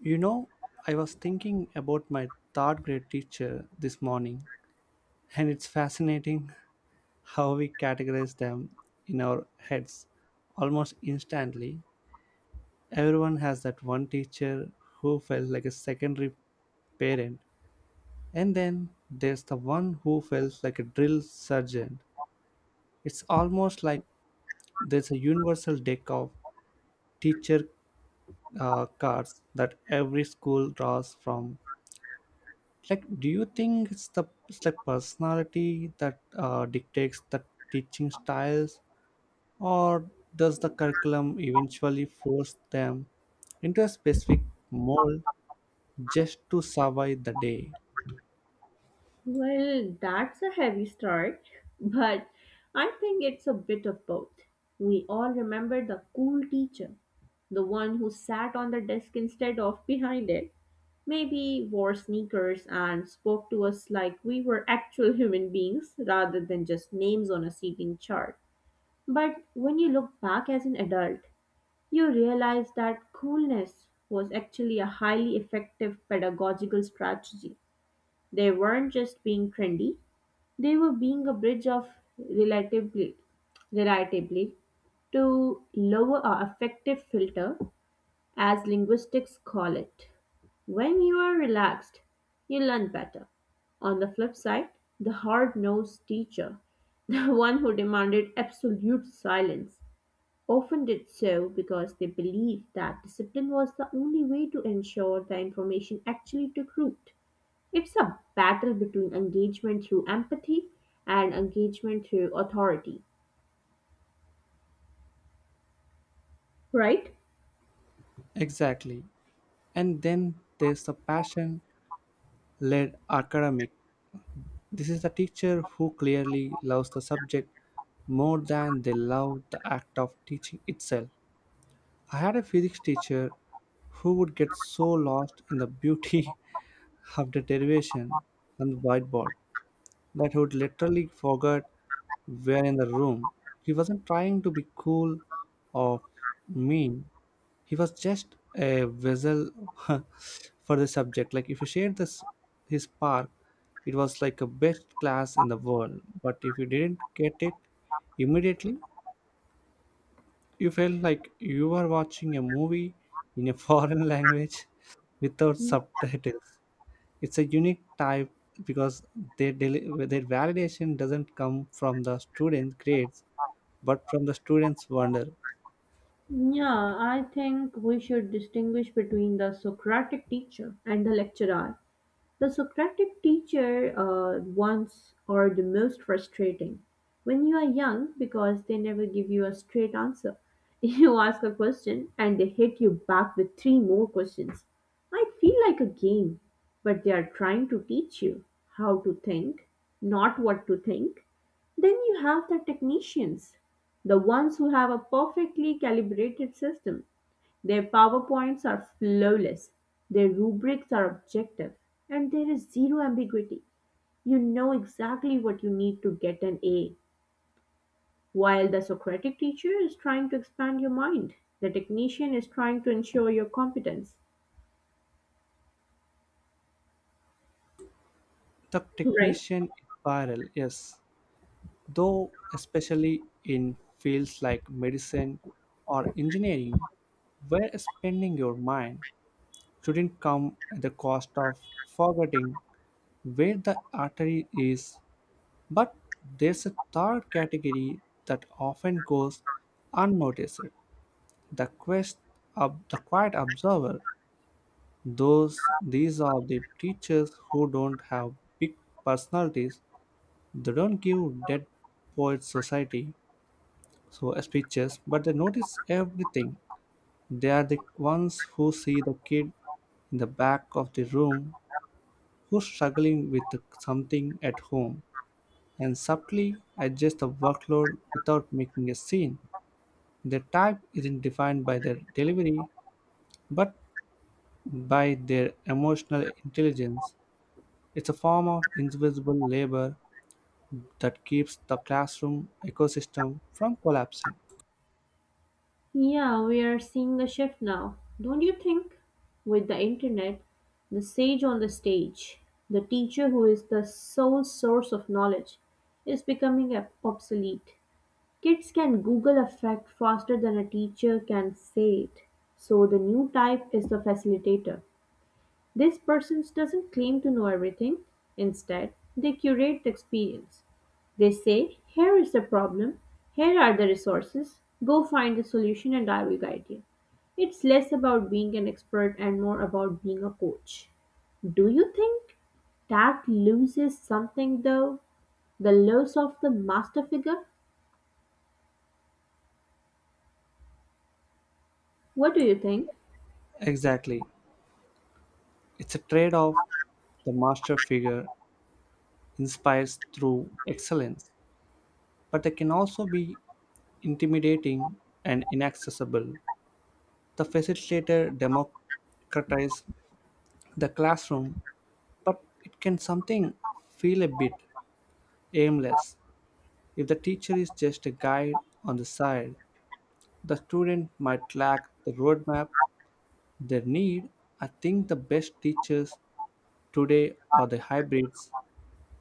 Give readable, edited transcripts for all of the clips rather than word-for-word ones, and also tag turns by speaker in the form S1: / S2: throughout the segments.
S1: You know, I was thinking about my third grade teacher this morning, and it's fascinating how we categorize them in our heads almost instantly. Everyone has that one teacher who felt like a secondary parent, and then there's the one who felt like a drill sergeant. It's almost like there's a universal deck of teacher cards that every school draws from. Like, do you think it's like personality that dictates the teaching styles, or does the curriculum eventually force them into a specific mold just to survive the day?
S2: Well, that's a heavy start, but I think it's a bit of both. We all remember the cool teacher, the one who sat on the desk instead of behind it, maybe wore sneakers and spoke to us like we were actual human beings rather than just names on a seating chart. But when you look back as an adult, you realize that coolness was actually a highly effective pedagogical strategy. They weren't just being trendy, they were being a bridge of relatively, relatively to lower or affective filter, as linguistics call it. When you are relaxed, you learn better. On the flip side, the hard nosed teacher, the one who demanded absolute silence, often did so because they believed that discipline was the only way to ensure the information actually took root. It's a battle between engagement through empathy and engagement through authority, right?
S1: Exactly. And then there's the passion led academic. This is the teacher who clearly loves the subject more than they love the act of teaching itself. I had a physics teacher who would get so lost in the beauty of the derivation on the whiteboard that he would literally forget where in the room. He wasn't trying to be cool or mean. He was just a vessel for the subject. Like, if you shared this his spark, it was like a best class in the world. But if you didn't get it immediately, you felt like you were watching a movie in a foreign language without subtitles. It's a unique type because their, their validation doesn't come from the student grades but from the students' wonder.
S2: Yeah, I think we should distinguish between the Socratic teacher and the lecturer. The Socratic teacher ones are the most frustrating. When you are young, because they never give you a straight answer. You ask a question and they hit you back with three more questions. Might feel like a game, but they are trying to teach you how to think, not what to think. Then you have the technicians, the ones who have a perfectly calibrated system. Their PowerPoints are flawless, their rubrics are objective, and there is zero ambiguity. You know exactly what you need to get an A. While the Socratic teacher is trying to expand your mind, the technician is trying to ensure your competence,
S1: The
S2: right?
S1: technician is viral, yes, though especially in fields like medicine or engineering, where spending your mind shouldn't come at the cost of forgetting where the artery is. But there's a third category that often goes unnoticed, the, of the quiet observer. These are the teachers who don't have big personalities, they don't give dead poets society so speeches, but they notice everything. They are the ones who see the kid in the back of the room who's struggling with something at home and subtly adjust the workload without making a scene. Their type isn't defined by their delivery, but by their emotional intelligence. It's a form of invisible labor that keeps the classroom ecosystem from collapsing.
S2: Yeah, we are seeing a shift now, don't you think? With the internet, the sage on the stage, the teacher who is the sole source of knowledge, is becoming obsolete. Kids can Google a fact faster than a teacher can say it, so the new type is the facilitator. These persons doesn't claim to know everything, instead they curate the experience. They say, here is the problem, here are the resources, go find the solution and I will guide you. It's less about being an expert and more about being a coach. Do you think that loses something though? The loss of the master figure? What do you think?
S1: Exactly. It's a trade off. The master figure inspires through excellence, but they can also be intimidating and inaccessible. The facilitator democratizes the classroom, but it can something feel a bit aimless. If the teacher is just a guide on the side, the student might lack the roadmap they need. I think the best teachers today are the hybrids.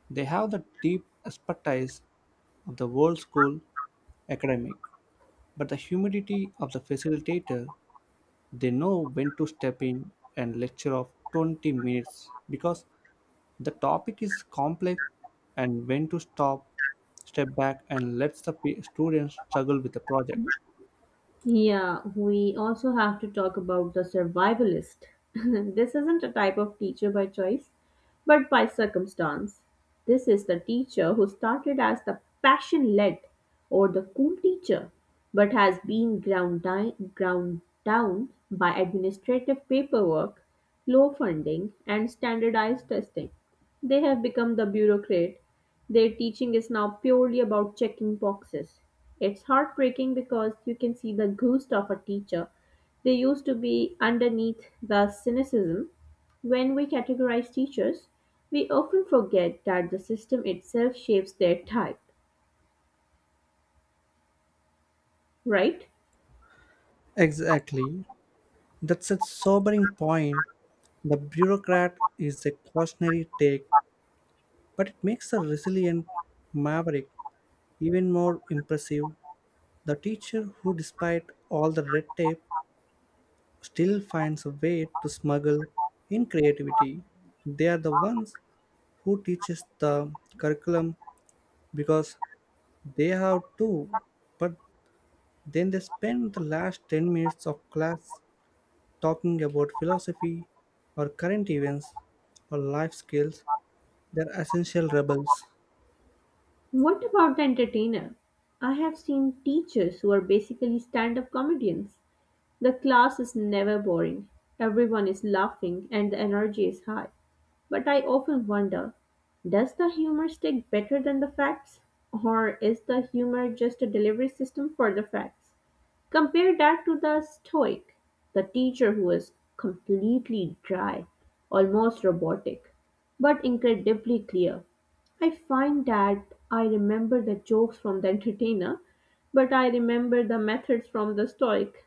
S1: They have the deep expertise of the world school academic, but the humility of the facilitator. They know when to step in and lecture of 20 minutes because the topic is complex, and when to stop, step back, and let the students struggle with the project.
S2: Yeah, we also have to talk about the survivalist. This isn't a type of teacher by choice, but by circumstance. This is the teacher who started as the passion led or the cool teacher, but has been ground down by administrative paperwork, low funding, and standardized testing. They have become the bureaucrat, their teaching is now purely about checking boxes. It's heartbreaking because you can see the ghost of a teacher. They used to be underneath the cynicism. When we categorize teachers, we often forget that the system itself shapes their type, right?
S1: Exactly. That's a sobering point. The bureaucrat is a cautionary take, but it makes the resilient maverick even more impressive. The teacher who, despite all the red tape, still finds a way to smuggle in creativity. They are the ones who teaches the curriculum because they have too, but then they spend the last 10 minutes of class talking about philosophy or current events or life skills. They're essential rebels.
S2: What about the entertainer? I have seen teachers who are basically stand up comedians. The class is never boring, everyone is laughing, and the energy is high. But I often wonder, does the humor stick better than the facts? Or is the humor just a delivery system for the facts? Compare that to the stoic, the teacher who is completely dry, almost robotic, but incredibly clear. I find that I remember the jokes from the entertainer, but I remember the methods from the stoic.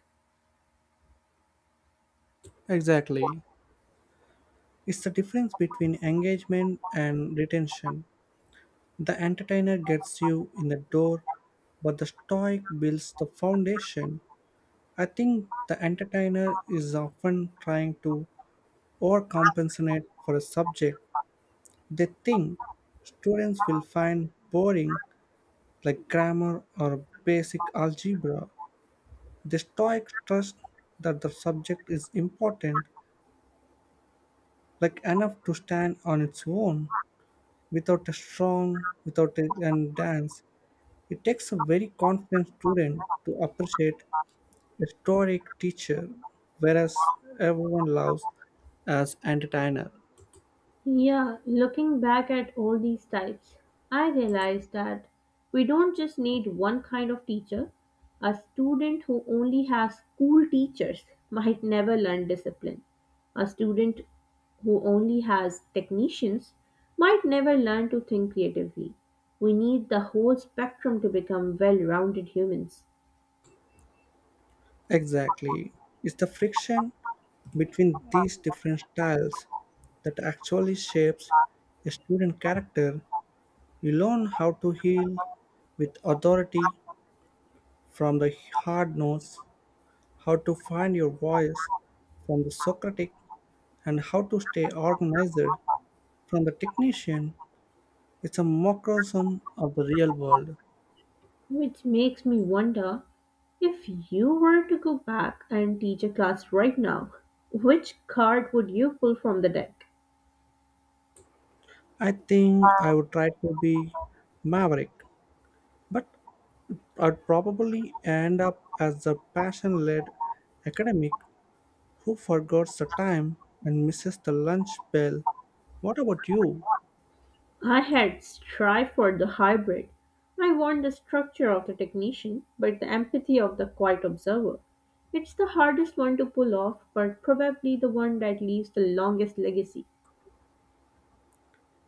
S1: Exactly. It's the difference between engagement and retention. The entertainer gets you in the door, but the stoic builds the foundation. I think the entertainer is often trying to overcompensate for a subject they think students will find boring, like grammar or basic algebra. The Stoics trust that the subject is important, like, enough to stand on its own. Without a song, without a and dance, it takes a very confident student to appreciate a Stoic teacher, whereas everyone loves as entertainer.
S2: Yeah, looking back at all these types, I realized that we don't just need one kind of teacher. A student who only has cool teachers might never learn discipline. A student who only has technicians might never learn to think creatively. We need the whole spectrum to become well rounded humans.
S1: Exactly. It's the friction between these different styles that actually shapes a student character. You learn how to heal with authority from the hard notes, how to find your voice from the Socratic, and how to stay organized from the technician. It's a microcosm of the real world.
S2: Which makes me wonder, if you were to go back and teach a class right now, which card would you pull from the deck?
S1: I think I would try to be maverick, but I'd probably end up as the passion led academic who forgets the time and misses the lunch bell. What about you?
S2: I had strive for the hybrid. I want the structure of the technician, but the empathy of the quiet observer. It's the hardest one to pull off, but probably the one that leaves the longest legacy.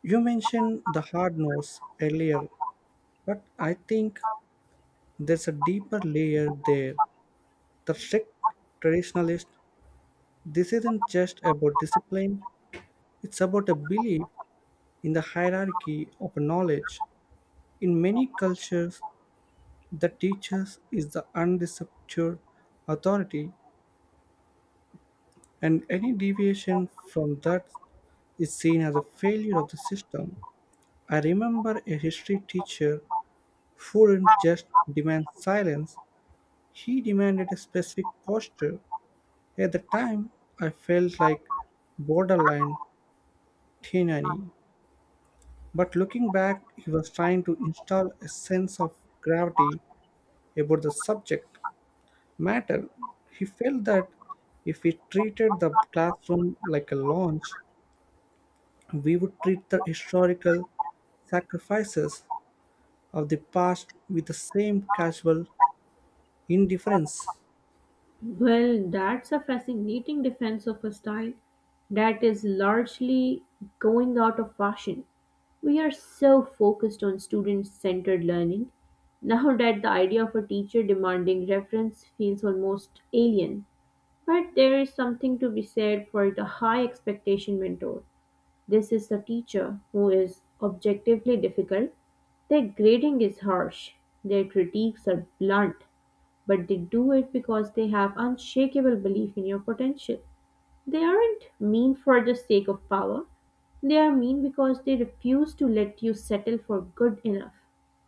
S1: You mentioned the hard nose earlier, but I think there's a deeper layer there. The strict traditionalist, this isn't just about discipline, it's about a belief in the hierarchy of knowledge. In many cultures, the teacher is the undisputed authority, and any deviation from that is seen as a failure of the system. I remember a history teacher who didn't just demand silence, he demanded a specific posture. At the time, I felt like borderline tyranny. But looking back, he was trying to install a sense of gravity about the subject matter. He felt that if we treated the classroom like a launch, we would treat the historical sacrifices of the past with the same casual indifference.
S2: Well, that's a fascinating defense of a style that is largely going out of fashion. We are so focused on student centered learning now that the idea of a teacher demanding reference feels almost alien. But there is something to be said for the high expectation mentor. This is the teacher who is objectively difficult. Their grading is harsh, their critiques are blunt, but they do it because they have unshakable belief in your potential. They aren't mean for the sake of power. They are mean because they refuse to let you settle for good enough.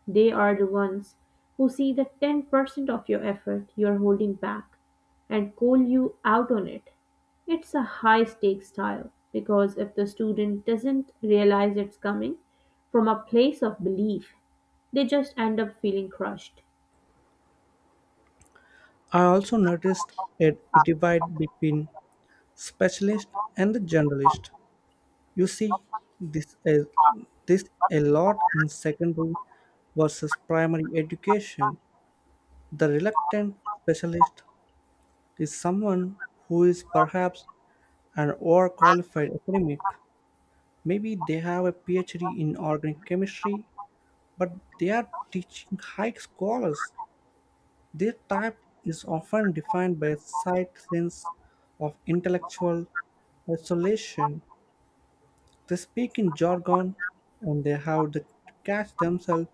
S2: They are the ones who see that 10% of your effort you're holding back and call you out on it. It's a high stakes style because if the student doesn't realize it's coming from a place of belief, they just end up feeling crushed.
S1: I also noticed a divide between specialist and the generalist. You see this a, this a lot in secondary versus primary education. The reluctant specialist is someone who is perhaps an overqualified academic. Maybe they have a PhD in organic chemistry, but they are teaching high scholars. Their type is often defined by a slight sense of intellectual isolation. They speak in jargon and they have the catch themselves,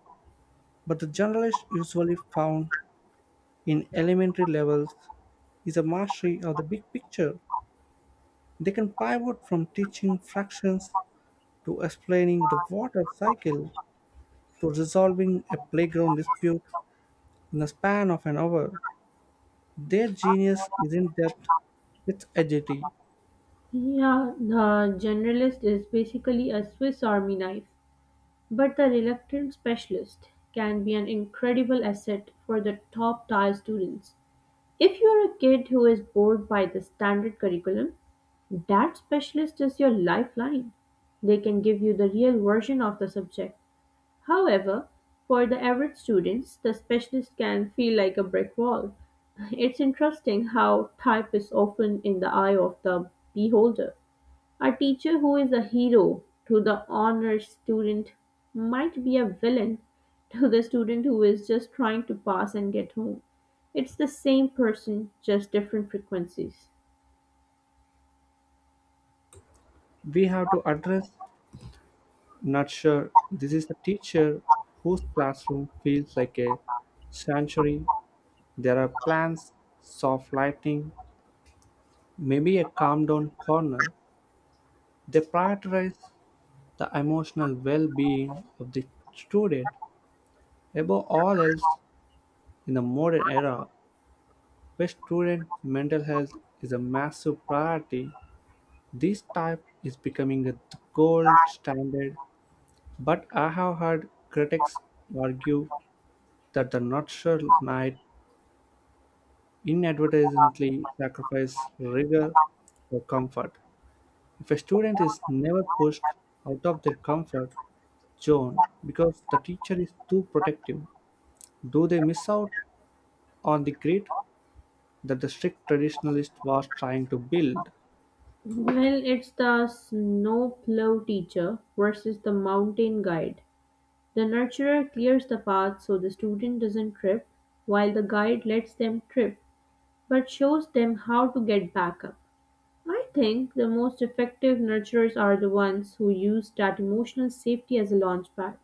S1: but the generalist usually found in elementary levels is a mastery of the big picture. They can pivot from teaching fractions to explaining the water cycle to resolving a playground dispute in the span of an hour. Their genius isn't that, it's agility.
S2: Yeah, the generalist is basically a Swiss army knife. But the reluctant specialist can be an incredible asset for the top tier students. If you are a kid who is bored by the standard curriculum, that specialist is your lifeline. They can give you the real version of the subject. However, for the average students, the specialist can feel like a brick wall. It's interesting how type is often in the eye of the beholder. A teacher who is a hero to the honors student might be a villain to the student who is just trying to pass and get home. It's the same person, just different frequencies.
S1: We have to address, nurture. This is a teacher whose classroom feels like a sanctuary. There are plants, soft lighting, maybe a calm down corner. They prioritize the emotional well being of the student above all else. In the modern era, where student mental health is a massive priority, this type is becoming the gold standard. But I have heard critics argue that the nutshell might inadvertently sacrifice rigor for comfort. If a student is never pushed out of their comfort zone because the teacher is too protective, do they miss out on the grit that the strict traditionalist was trying to build?
S2: Well, it's the snowplow teacher versus the mountain guide. The nurturer clears the path so the student doesn't trip, while the guide lets them trip but shows them how to get back up. I think the most effective nurturers are the ones who use that emotional safety as a launchpad.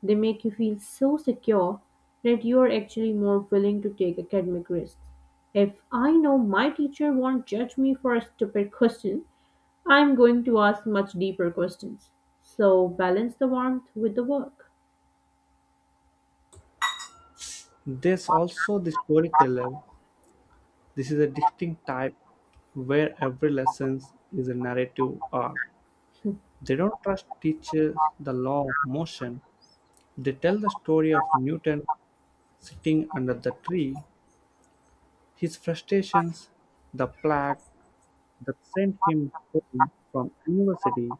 S2: They make you feel so secure that you are actually more willing to take academic risks. If I know my teacher won't judge me for a stupid question, I'm going to ask much deeper questions. So balance the warmth with the work.
S1: There's also the storyteller. This is a distinct type where every lesson is a narrative arc. They don't trust teachers the law of motion. They tell the story of Newton sitting under the tree, his frustrations, the plague that sent him home from university,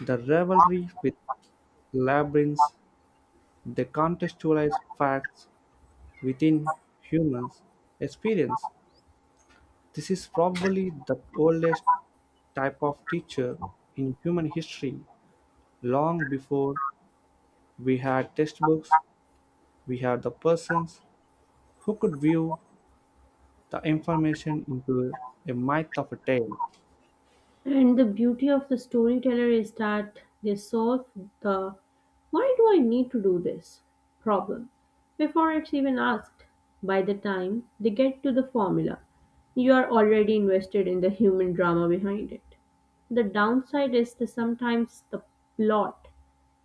S1: the rivalry with labyrinths. They contextualize facts within humans' experience. This is probably the oldest type of teacher in human history. Long before we had textbooks, we had the persons who could view the information into a myth of a tale.
S2: And the beauty of the storyteller is that they solve the why do I need to do this problem before it's even asked. By the time they get to the formula, you are already invested in the human drama behind it. The downside is that sometimes the plot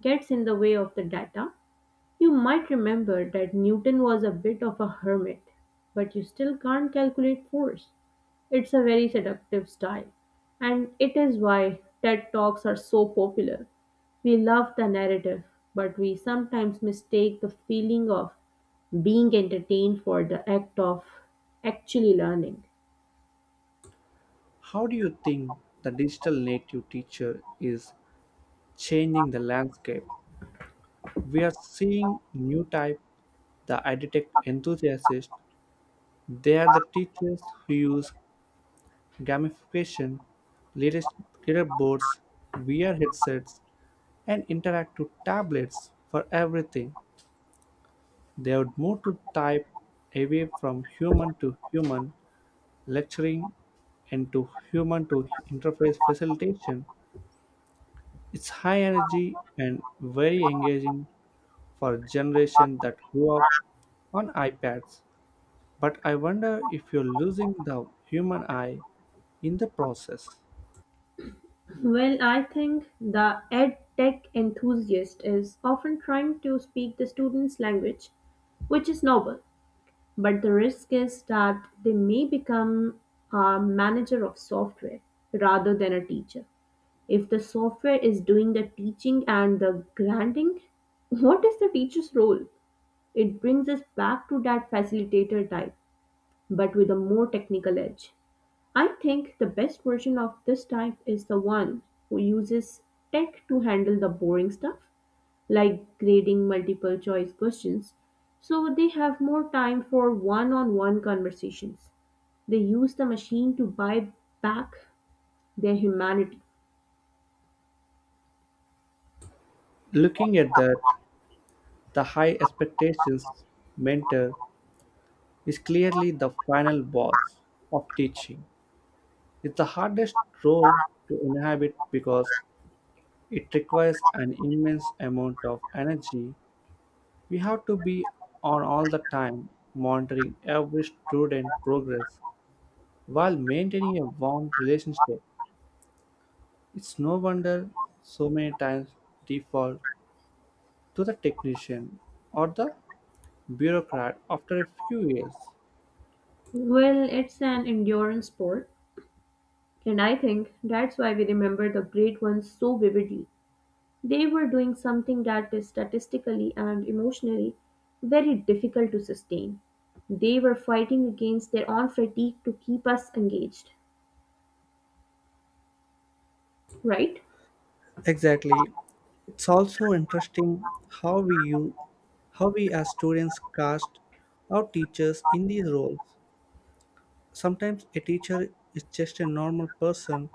S2: gets in the way of the data. You might remember that Newton was a bit of a hermit, but you still can't calculate force. It's a very seductive style, and it is why TED Talks are so popular. We love the narrative, but we sometimes mistake the feeling of being entertained for the act of actually learning.
S1: How do you think the digital native teacher is changing the landscape? We are seeing new type, the edtech enthusiasts. They are the teachers who use gamification, leaders- leaderboards, VR headsets, and interactive tablets for everything. They would move to type away from human to human lecturing, and to human to interface facilitation. It's high energy and very engaging for a generation that grew up on iPads. But I wonder if you're losing the human eye in the process.
S2: Well, I think the ed tech enthusiast is often trying to speak the student's language, which is noble, but the risk is that they may become a manager of software rather than a teacher. If the software is doing the teaching and the granting, what is the teacher's role? It brings us back to that facilitator type, but with a more technical edge. I think the best version of this type is the one who uses tech to handle the boring stuff, like grading multiple choice questions, so they have more time for one on one conversations. They use the machine to buy back their humanity.
S1: Looking at that, the high expectations mentor is clearly the final boss of teaching. It's the hardest role to inhabit because it requires an immense amount of energy. We have to be on all the time, monitoring every student progress while maintaining a warm relationship. It's no wonder so many times default to the technician or the bureaucrat after a few years.
S2: Well, it's an endurance sport, and I think that's why we remember the great ones so vividly. They were doing something that is statistically and emotionally very difficult to sustain. They were fighting against their own fatigue to keep us engaged, right?
S1: Exactly. It's also interesting how we you how we as students cast our teachers in these roles. Sometimes a teacher is just a normal person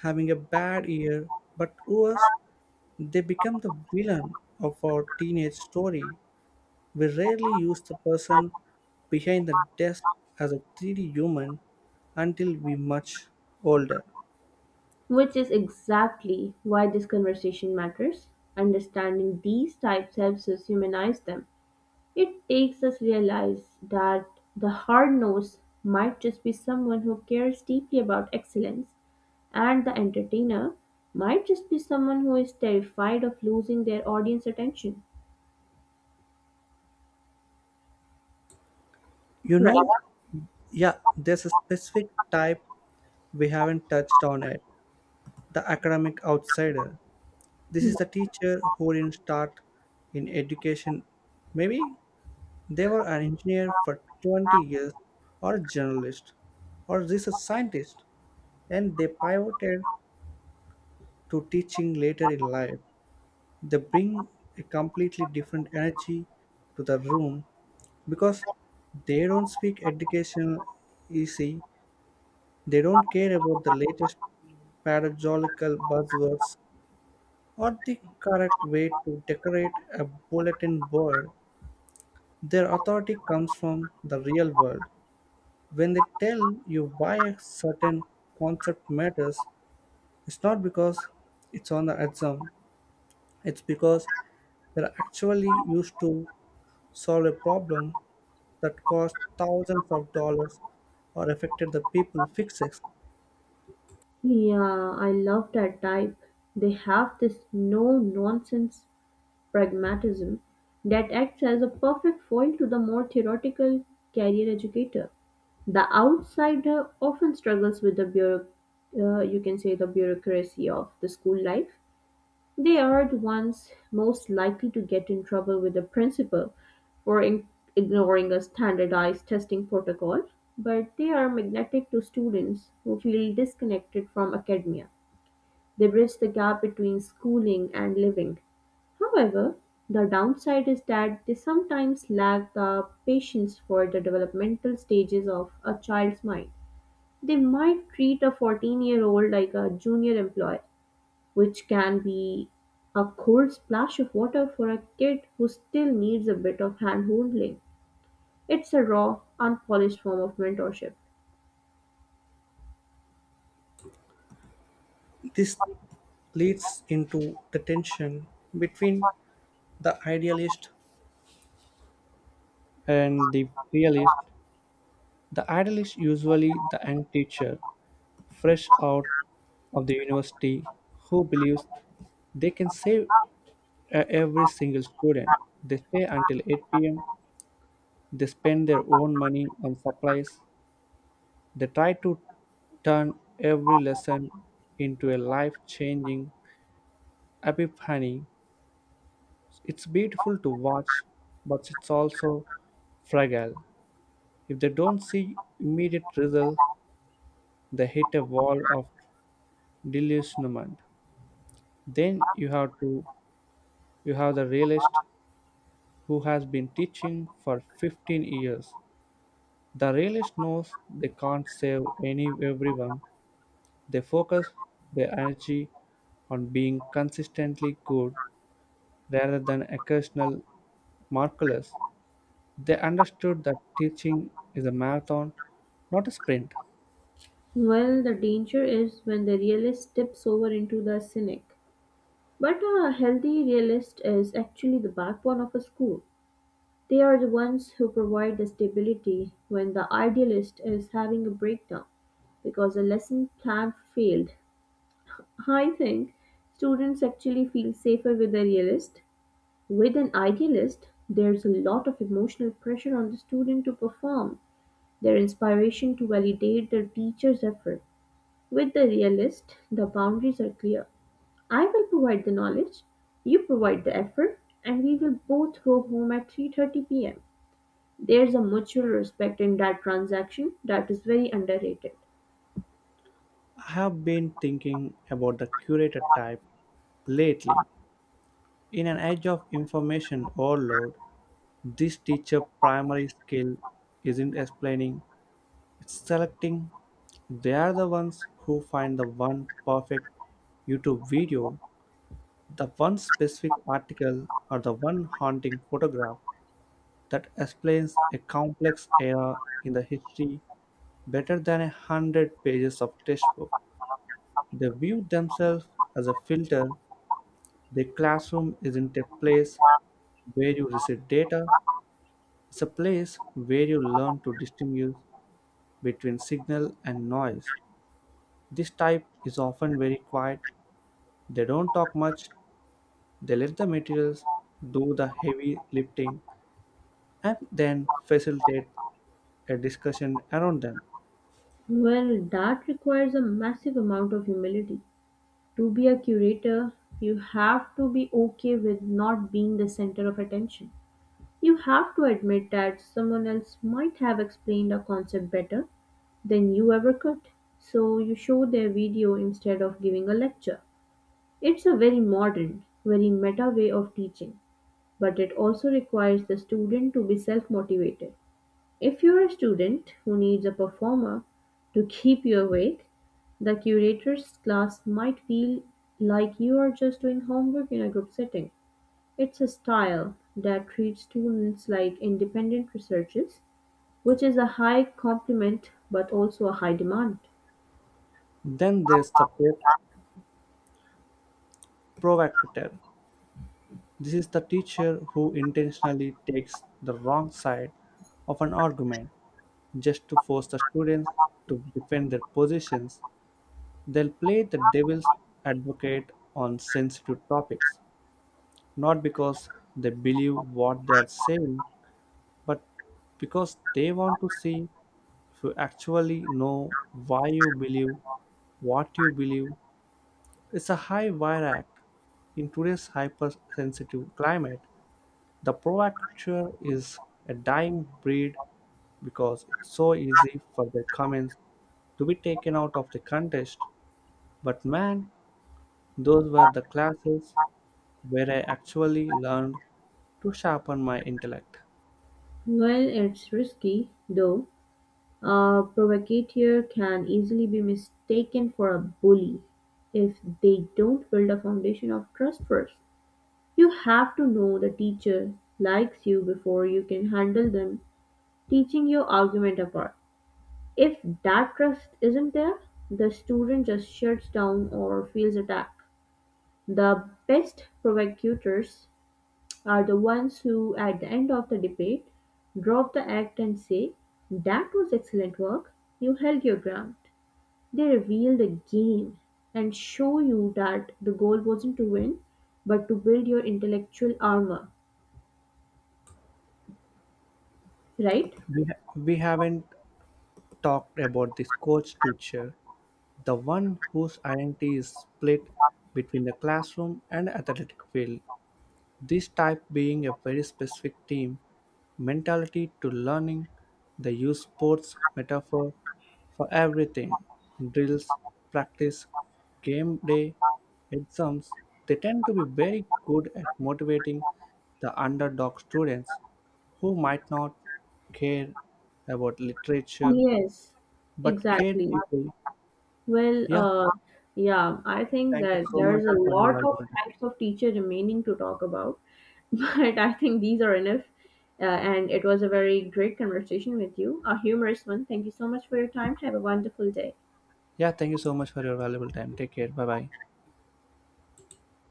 S1: having a bad year, but worse, they become the villain of our teenage story. We rarely use the person behind the desk as a 3D human until we much older.
S2: Which is exactly why this conversation matters. Understanding these types helps us humanize them. It takes us realize that the hard nose might just be someone who cares deeply about excellence, and the entertainer might just be someone who is terrified of losing their audience attention.
S1: You know,
S2: Right.
S1: yeah, there's a specific type we haven't touched on yet, the academic outsider. This is the teacher who didn't start in education, maybe they were an engineer for 20 years, or a journalist, or research scientist, and they pivoted to teaching later in life. They bring a completely different energy to the room because they don't speak educational easy. They don't care about the latest paradoxical buzzwords or the correct way to decorate a bulletin board. Their authority comes from the real world. When they tell you why a certain concept matters, it's not because it's on the exam, it's because they're actually used to solve a problem that cost thousands of dollars or affected the people fixes.
S2: Yeah, I love that type. They have this no nonsense pragmatism that acts as a perfect foil to the more theoretical career educator. The outsider often struggles with the you can say the bureaucracy of the school life. They are the ones most likely to get in trouble with the principal for ignoring a standardized testing protocol, but they are magnetic to students who feel disconnected from academia. They bridge the gap between schooling and living. However, the downside is that they sometimes lack the patience for the developmental stages of a child's mind. They might treat a 14-year-old year old like a junior employee, which can be a cold splash of water for a kid who still needs a bit of hand holding. It's a raw, unpolished form of mentorship.
S1: This leads into the tension between the idealist and the realist. The idealist, usually the end teacher fresh out of the university, who believes they can save every single student. They stay until 8 p.m. They spend their own money on supplies. They try to turn every lesson into a life changing epiphany. It's beautiful to watch, but it's also fragile. If they don't see immediate results, they hit a wall of disillusionment. Then you have the realist who has been teaching for 15 years. The realist knows they can't save any everyone. They focus their energy on being consistently good rather than occasional marvelous. They understood that teaching is a marathon, not a sprint.
S2: Well, the danger is when the realist tips over into the cynic. But a healthy realist is actually the backbone of a school. They are the ones who provide the stability when the idealist is having a breakdown because a lesson plan failed. I think students actually feel safer with a realist. With an idealist, there's a lot of emotional pressure on the student to perform, their inspiration to validate their teacher's effort. With the realist, the boundaries are clear. I will provide the knowledge, you provide the effort, and we will both go home at 3:30 p.m. There's a mutual respect in that transaction that is very underrated.
S1: I have been thinking about the curator type lately. In an age of information overload, this teacher primary skill isn't explaining, it's selecting. They are the ones who find the one perfect YouTube video, the one specific article, or the one haunting photograph that explains a complex era in the history better than 100 pages of textbook. They view themselves as a filter. The classroom isn't a place where you receive data, it's a place where you learn to distinguish between signal and noise. This type is often very quiet, they don't talk much, they let the materials do the heavy lifting and then facilitate a discussion around them.
S2: Well, that requires a massive amount of humility. To be a curator, you have to be okay with not being the center of attention. You have to admit that someone else might have explained a concept better than you ever could. So you show their video instead of giving a lecture. It's a very modern, very meta way of teaching, but it also requires the student to be self motivated. If you're a student who needs a performer to keep you awake, the curator's class might feel like you are just doing homework in a group setting. It's a style that treats students like independent researchers, which is a high compliment but also a high demand.
S1: Then there's the provocateur. This is the teacher who intentionally takes the wrong side of an argument just to force the students to defend their positions. They'll play the devil's advocate on sensitive topics, not because they believe what they are saying, but because they want to see if you actually know why you believe what you believe. It's a high wire act. In today's hypersensitive climate, the provocateur is a dying breed because it's so easy for their comments to be taken out of the contest. But man, those were the classes where I actually learned to sharpen my intellect.
S2: Well, it's risky, though, a provocateur can easily be mistaken for a bully if they don't build a foundation of trust first. You have to know the teacher likes you before you can handle them teaching your argument apart. If that trust isn't there, the student just shuts down or feels attacked. The best provocators are the ones who, at the end of the debate, drop the act and say, "That was excellent work, you held your ground." They reveal the game and show you that the goal wasn't to win, but to build your intellectual armor, right?
S1: We haven't talked about this coach teacher, the one whose identity is split between the classroom and athletic field. This type being a very specific team mentality to learning. They use sports metaphor for everything, drills, practice, game day, exams. They tend to be very good at motivating the underdog students who might not care about literature
S2: Yes,
S1: but care
S2: exactly.
S1: deeply.
S2: Well,
S1: Yeah,
S2: yeah, I think
S1: thank you
S2: that
S1: so much
S2: there's a
S1: for your
S2: lot of
S1: valuable time.
S2: types of teacher remaining to talk about, but I think these are enough. And it was a very great conversation with you, a humorous one. Thank you so much for your time. Have a wonderful day.
S1: Yeah, thank you so much for your valuable time. Take care. Bye bye.